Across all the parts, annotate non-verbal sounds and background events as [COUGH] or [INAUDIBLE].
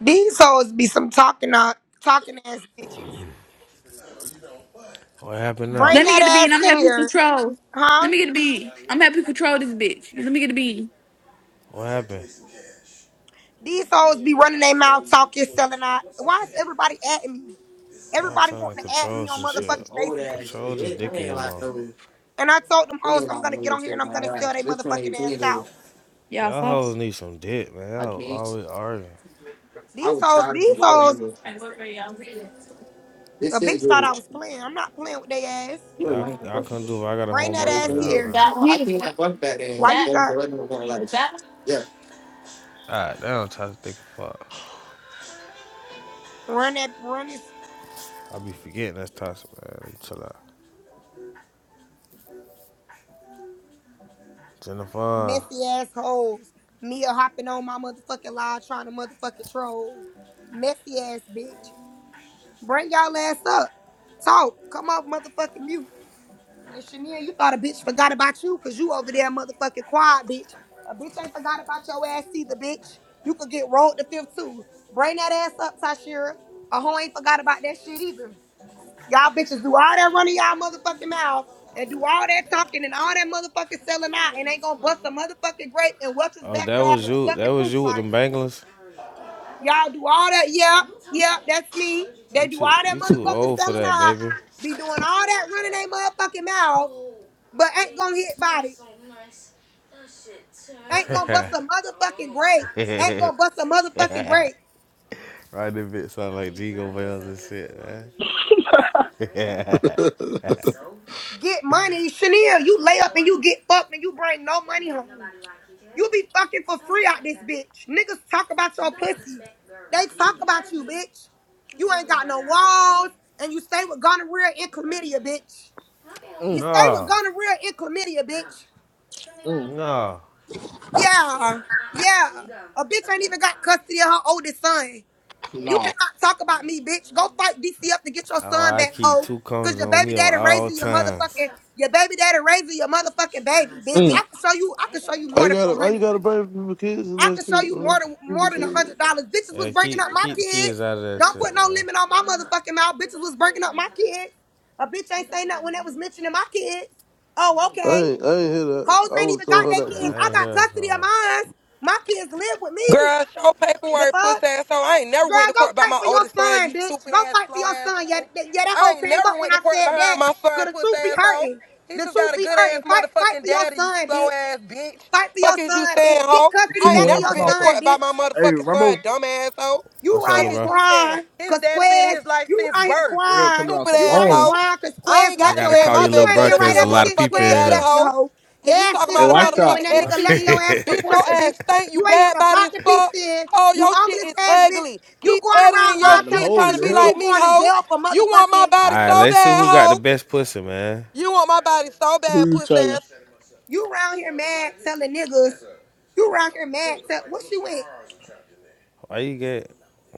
These hoes be some talking uh, talking ass bitches. What happened now? Bring Let me get a that bean. ass I'm in happy to here, control. Let huh? me get a bean. I'm happy to control this bitch. Let me get a bean. What happened? These hoes be running their mouth talking, selling out. Why is everybody at me? Y'all Everybody trying to wanting to add control me on some This shit. some motherfucking old Facebook. ass Control shit. this It it dick in ain't your like mouth. no, And I told them it hoes ain't I'm like no gonna get little on here and shit I'm like gonna sell that. they This motherfucking ass 2018 though. out. Yeah, Y'all fuck. hoes need some dick, man. I Y'all can't. always arguing. I These was hoes, tired of these hoes, it. the This is bitch thought good. I was playing. I'm not playing with their ass. You're a Y'all, man. y'all Fuck couldn't do it. I got a Bring Like, that homeboy for ass y'all, everything. here. man. Fuck back then. Why you got Like, yeah, God damn, toxic dick fuck. run that run this I be forgetting that's toxic, man. Chill out. Jennifer. messy assholes. Mia hopping on my motherfucking live trying to motherfucking troll. Messy ass bitch. Bring y'all ass up. Talk. Come off motherfucking mute. And you thought a bitch forgot about you because you over there motherfucking quiet, bitch. A bitch ain't forgot about your ass either, bitch. You could get rolled to fifth too. Bring that ass up, Tashira. A hoe ain't forgot about that shit either. Y'all bitches do all that running y'all motherfucking mouth and do all that talking and all that motherfucking selling out and ain't gonna bust a motherfucking grape in Welch's Oh, that backyard was in a you. That fucking was fruit you with fight. them bangles. Y'all do all that, yeah, yeah, that's me. They You do too. all that You too motherfucking old for selling that, out, baby. be doing all that running their motherfucking mouth, but ain't gonna hit body, ain't gonna bust a motherfucking grape, ain't gonna bust a motherfucking [LAUGHS] [LAUGHS] grape. Right, that bitch sound like Jigo bells and shit, man. [LAUGHS] Yeah. I Get money, Chanel. You lay up and you get fucked and you bring no money home. You be fucking for free out this bitch. Niggas talk about your pussy. They talk about you, bitch. You ain't got no walls, and you stay with gonorrhea and chlamydia, bitch. You Mm, stay with No, gonorrhea and chlamydia, bitch. mm, no. Yeah, yeah. A bitch ain't even got custody of her oldest son. You no. cannot talk about me, bitch. Go fight DC up to get your Oh, son I back, keep hoe. two Cause cones your on baby me on daddy all raising your times. motherfucking your baby daddy raising your motherfucking baby, bitch. Mm. I can show you. I can show you more than gotta, I 400. gotta bring people kids and I that can show shit, you more bro. than People more than a kids. hundred dollars. Bitches Yeah, was breaking up keep my keep the kids. kids out of that Don't shit. put no Man. limit on my motherfucking mouth. Bitches was breaking up my kids. A bitch ain't saying nothing when that was mentioning my kids. Oh, I okay. ain't, I ain't hear that. Hoes I ain't would have even told got their her that Yeah, kids. too. I I ain't got here. custody of So. mine. My kids live with me. Girl, show The paperwork, puss fuck? asshole. I ain't never went Girl, to go court about fight my for your oldest son, son, you bitch. stupid Go ass, fight for slow your asshole. son. Yeah, that- yeah that hoe I ain't came up never when went I to court said that. behind my Cause son, the puss truth be asshole. hurting. He The just truth got a be good ass hurting. Fight, fight for motherfucking your daddy, you son, slow bitch. ass bitch. Fight for your Fuck is you son, saying, bitch. Get hoe? The custody I chicken ain't back of wing never your come been to off the. court son, about my bitch. Hey, motherfucking son, Rumble, dumb asshole. You What's up, right little Fuck here is bro? you saying? crying His because daddy been in Quest, his life you since right here birth, real crying. coming off stupid the You right asshole. here bone. crying because I Quest ain't I left got to gotta your ass. beg call my you Bitch, you little baby ain't bro, daddy been to be right cause a a ever lot of since people motherfucking Quest daddy in left your hoe. hoe. Your And you ass talking been Hey, about a watch struggling out, when motherfucking that bro. nigga left STD your here. ass for Bitch, your Portia, [LAUGHS] bitch. ass stink. You You ain't had bad a body pot as to piece fuck. in. Oh, You your shit homeless is ass bitch. ugly. You Keep going editing around We your lying got them shit, telling trying hoes niggas to in be you, here. like you me, going to hoe. jail for You want my motherfucking. all body right, so let's see bad, who got the hoe. best pussy, man. You want my body so Who bad, you pussy telling? ass You around here mad telling niggas. You around here mad tell what she went. Why you get?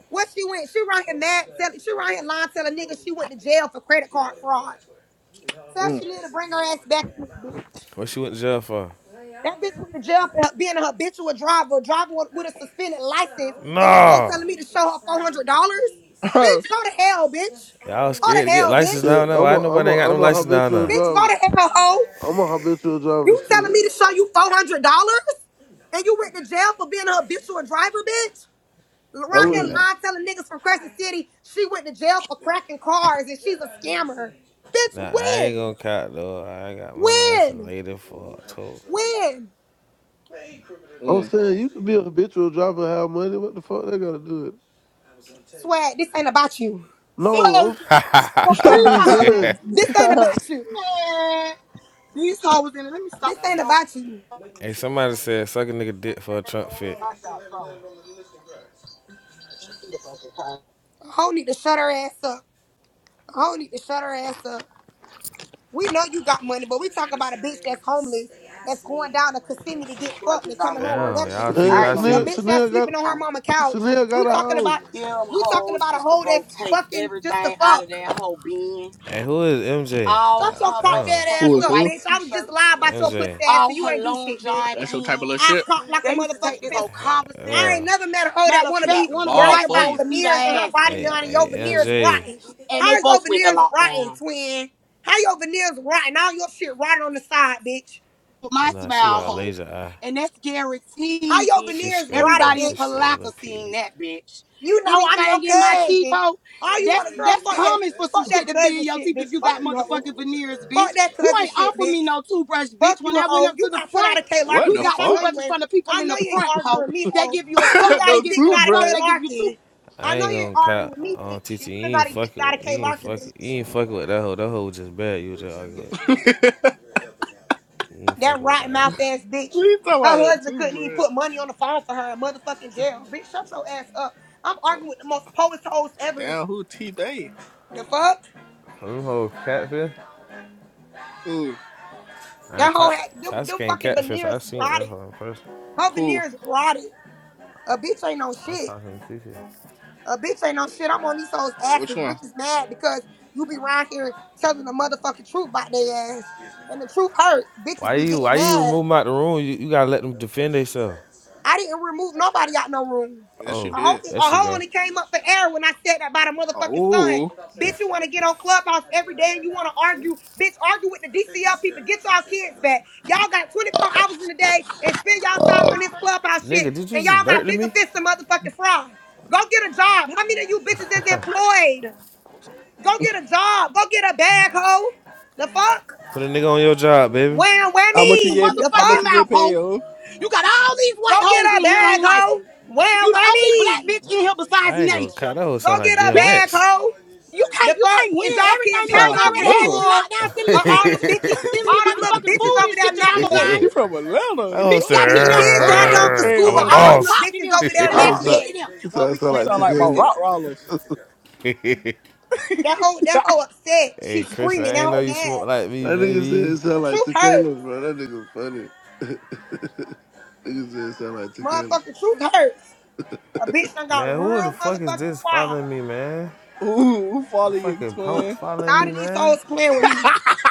What she went. She around here mad telling. She around here lying telling niggas she went to jail for credit card fraud. Sir, Mm. she need to bring her ass back. in this bitch. What she went to jail for? That bitch went to jail for her- being a habitual driver, a driver with with a suspended license, and this hoe No. telling me to show her four hundred dollars. [LAUGHS] Bitch, go to hell, bitch. Y'all Go scared to to get hell, license bitch. now? Shit, Now I'm a, why I'm nobody a, ain't got no I'm a license now? habitual Now, Bitch, go driver. to hell, hoe. I'm a habitual driver. You telling me Shit, to show you four hundred dollars, and you went to jail for being a habitual driver, bitch. I Around I, here mm, that, wouldn't. lying, telling niggas from Crescent City she went to jail for cracking cars and she's a scammer. Bitch, nah, I ain't win, gonna cop though. I got my license win, later for October. win. I'm mm. saying you could be a habitual driver and have money. What the fuck they gotta do it? Swag, this ain't about you. was No, story I'm, I'm just time, [LAUGHS] saying. hey, This ain't about you. man. These hoes in it. Let me This stop. ain't about you. somebody said suck a nigga dick I for a Trump fit. got phone. Shakira fucking time. Ho need to shut her ass up. Ho need to shut her ass up. We know you got money, but we talk I'm about a sorry, bitch they that's just homeless, they that's asked me going and down to I wanted to make Kissimmee to sure they get didn't fucked and get taken. coming $200 home with worth Damn, of y'all nothing. shit. see what Man, I ain't I gonna A see? Chanel, even bitch that's Chanel got, sleeping on her lie. mama couch. Chanel got We a talking house. about Them we talking hoes about a used to hoe that's go take fucking just the everything out of fuck. that whole bin. Hey, who is MJ? Shut All Ah, your her cock damn, dead [LAUGHS] ass who motherfucking is up, white who? bitch. I was just t-shirts. lying about your pussy MJ. ass, so All you her ain't do long shit, bitch. john That's your type of pants. little I shit. cock like a They used to take motherfucking this whole pistol. Uh, You I commissary. ain't never met a hoe that Matter of wanna She fact, got the be one of the ball bragging white for about you. hoes beat her veneers and her ass body in hey, there. done and your hey, veneers MJ. Yeah, rotten. And they How's your both went to veneers rotten, lockdown. twin? How your veneers rotten? All your shit rotten on the side, bitch. with that? Oh, my nah, she smile got a No. hole. laser eye. And that's How guaranteed, your bitch. She veneers straight though. rotted, Everybody She in bitch? straight, little Palaka P. seeing that, bitch. You know I'm your Anything in my teeth cousin. hole, All you want that's to girl, that's fuck that, common for some fuck shit that to be cousin in your shit, teeth bitch. if you Fuck got you, hoe. motherfucking veneers, Fuck bitch. that You cousin ain't shit, offer bitch. me no toothbrush, bitch. Fuck When you, I went hoe. up You to the got put out front, of K What Larkin, we the bitch. got I know fuck? you toothbrushes ain't. from the people I in know the you ain't front, arguing hoe. with me, They hoe. give you a You cup, [LAUGHS] got they no give evicted you two a out of K soap, bread. they give you two Larkin. I I know ain't you ain't gonna arguing with me, cop on bitch. TT. And you You done ain't got evicted fucking out of with. K You ain't Larkin, fucking. You bitch. ain't fucking with that hoe. That hoe was just bad. You was just arguing. with. [LAUGHS] what You ain't That fucking with that rotten mouth hoe. ass bitch. you talking Her about? A husband two couldn't even bread? put money on the phone for her in motherfucking jail. Bitch, shut your ass up. I'm arguing with the most poets hoes ever. Damn, who T Bay? The fuck? Them hoe catfish. Ooh, Nah, That Ta- whole them, Tasca them ain't fucking catfish. I veneers seen that rotted. hoe in person. Her cool. veneers rotted. A bitch ain't no I'm shit. talking to TT. A bitch ain't no shit. I'm on these hoes' Which asses. one? Bitch is mad because you be around here telling the motherfucking truth about their ass. And the truth hurts. Bitches Why be you? getting Why you mad. remove 'em out the room? You, you gotta let them defend themselves. I didn't remove nobody out no room. Yes, you A Oh, hoe, did. there a she hoe go. only came up for air when I said that about a motherfucking son. Oh. Bitch, you want to get on Clubhouse every day and you want to argue. Bitch, argue with the DCL people. Get y'all kids back. Y'all got 24 hours in the day and spend y'all time on this Clubhouse shit. Nigga, did you And just y'all got burgle bigger me? fists than motherfucking fry. Go get a job. How many of you bitches is employed? Go get a job. Go get a bag, hoe. The fuck? Put a nigga on your job, baby. Wham How much you get? whammy. The pa- How much motherfucking you fuck? mouth, get hoe. paid? Oh, You got all these Go white get hoes a in here bag, don't like hoe. you. Wham You the only black whammy. bitch in here besides I ain't gonna cut Nasia. that whole Go sound like get a Bitch, bag, DMX. hoe. You The can't you fuck? can't Is win y'all everything. kids she The sound hair hoes like a done for already had you nigga. in school? lockdown, [LAUGHS] stealing Or your all canvas, them that bitches, stealing all your them little motherfucking bitches food over and shit there your nappy mama headed? buying She you. from Atlanta. You whole Bitch know said, got Is you she in your there kids hair got crying. done that for I'm school? trans Or a Talking in about all her. them don't little boss. talk to bitches them. over there Don't That's Rawr. nappy speak that. to headed? them. That Well, I we sound She when like sound me and like my Reese Tequila. said. rock rollers. [LAUGHS] hey, That whole, [LAUGHS] that whole upset. She's Christian, screaming. I That ain't know whole you mad. smoke like me, That nigga said it baby. The sound like truth Tequila, hurts. bro. That nigga funny. [LAUGHS] Niggas said it sound like 2K. Motherfucking truth hurts. A bitch done got Man, who the real fuck is motherfucking this quiet following me, man? Ooh, who The follow your fucking punks twin? following All me, of these man. souls playing with me. [LAUGHS]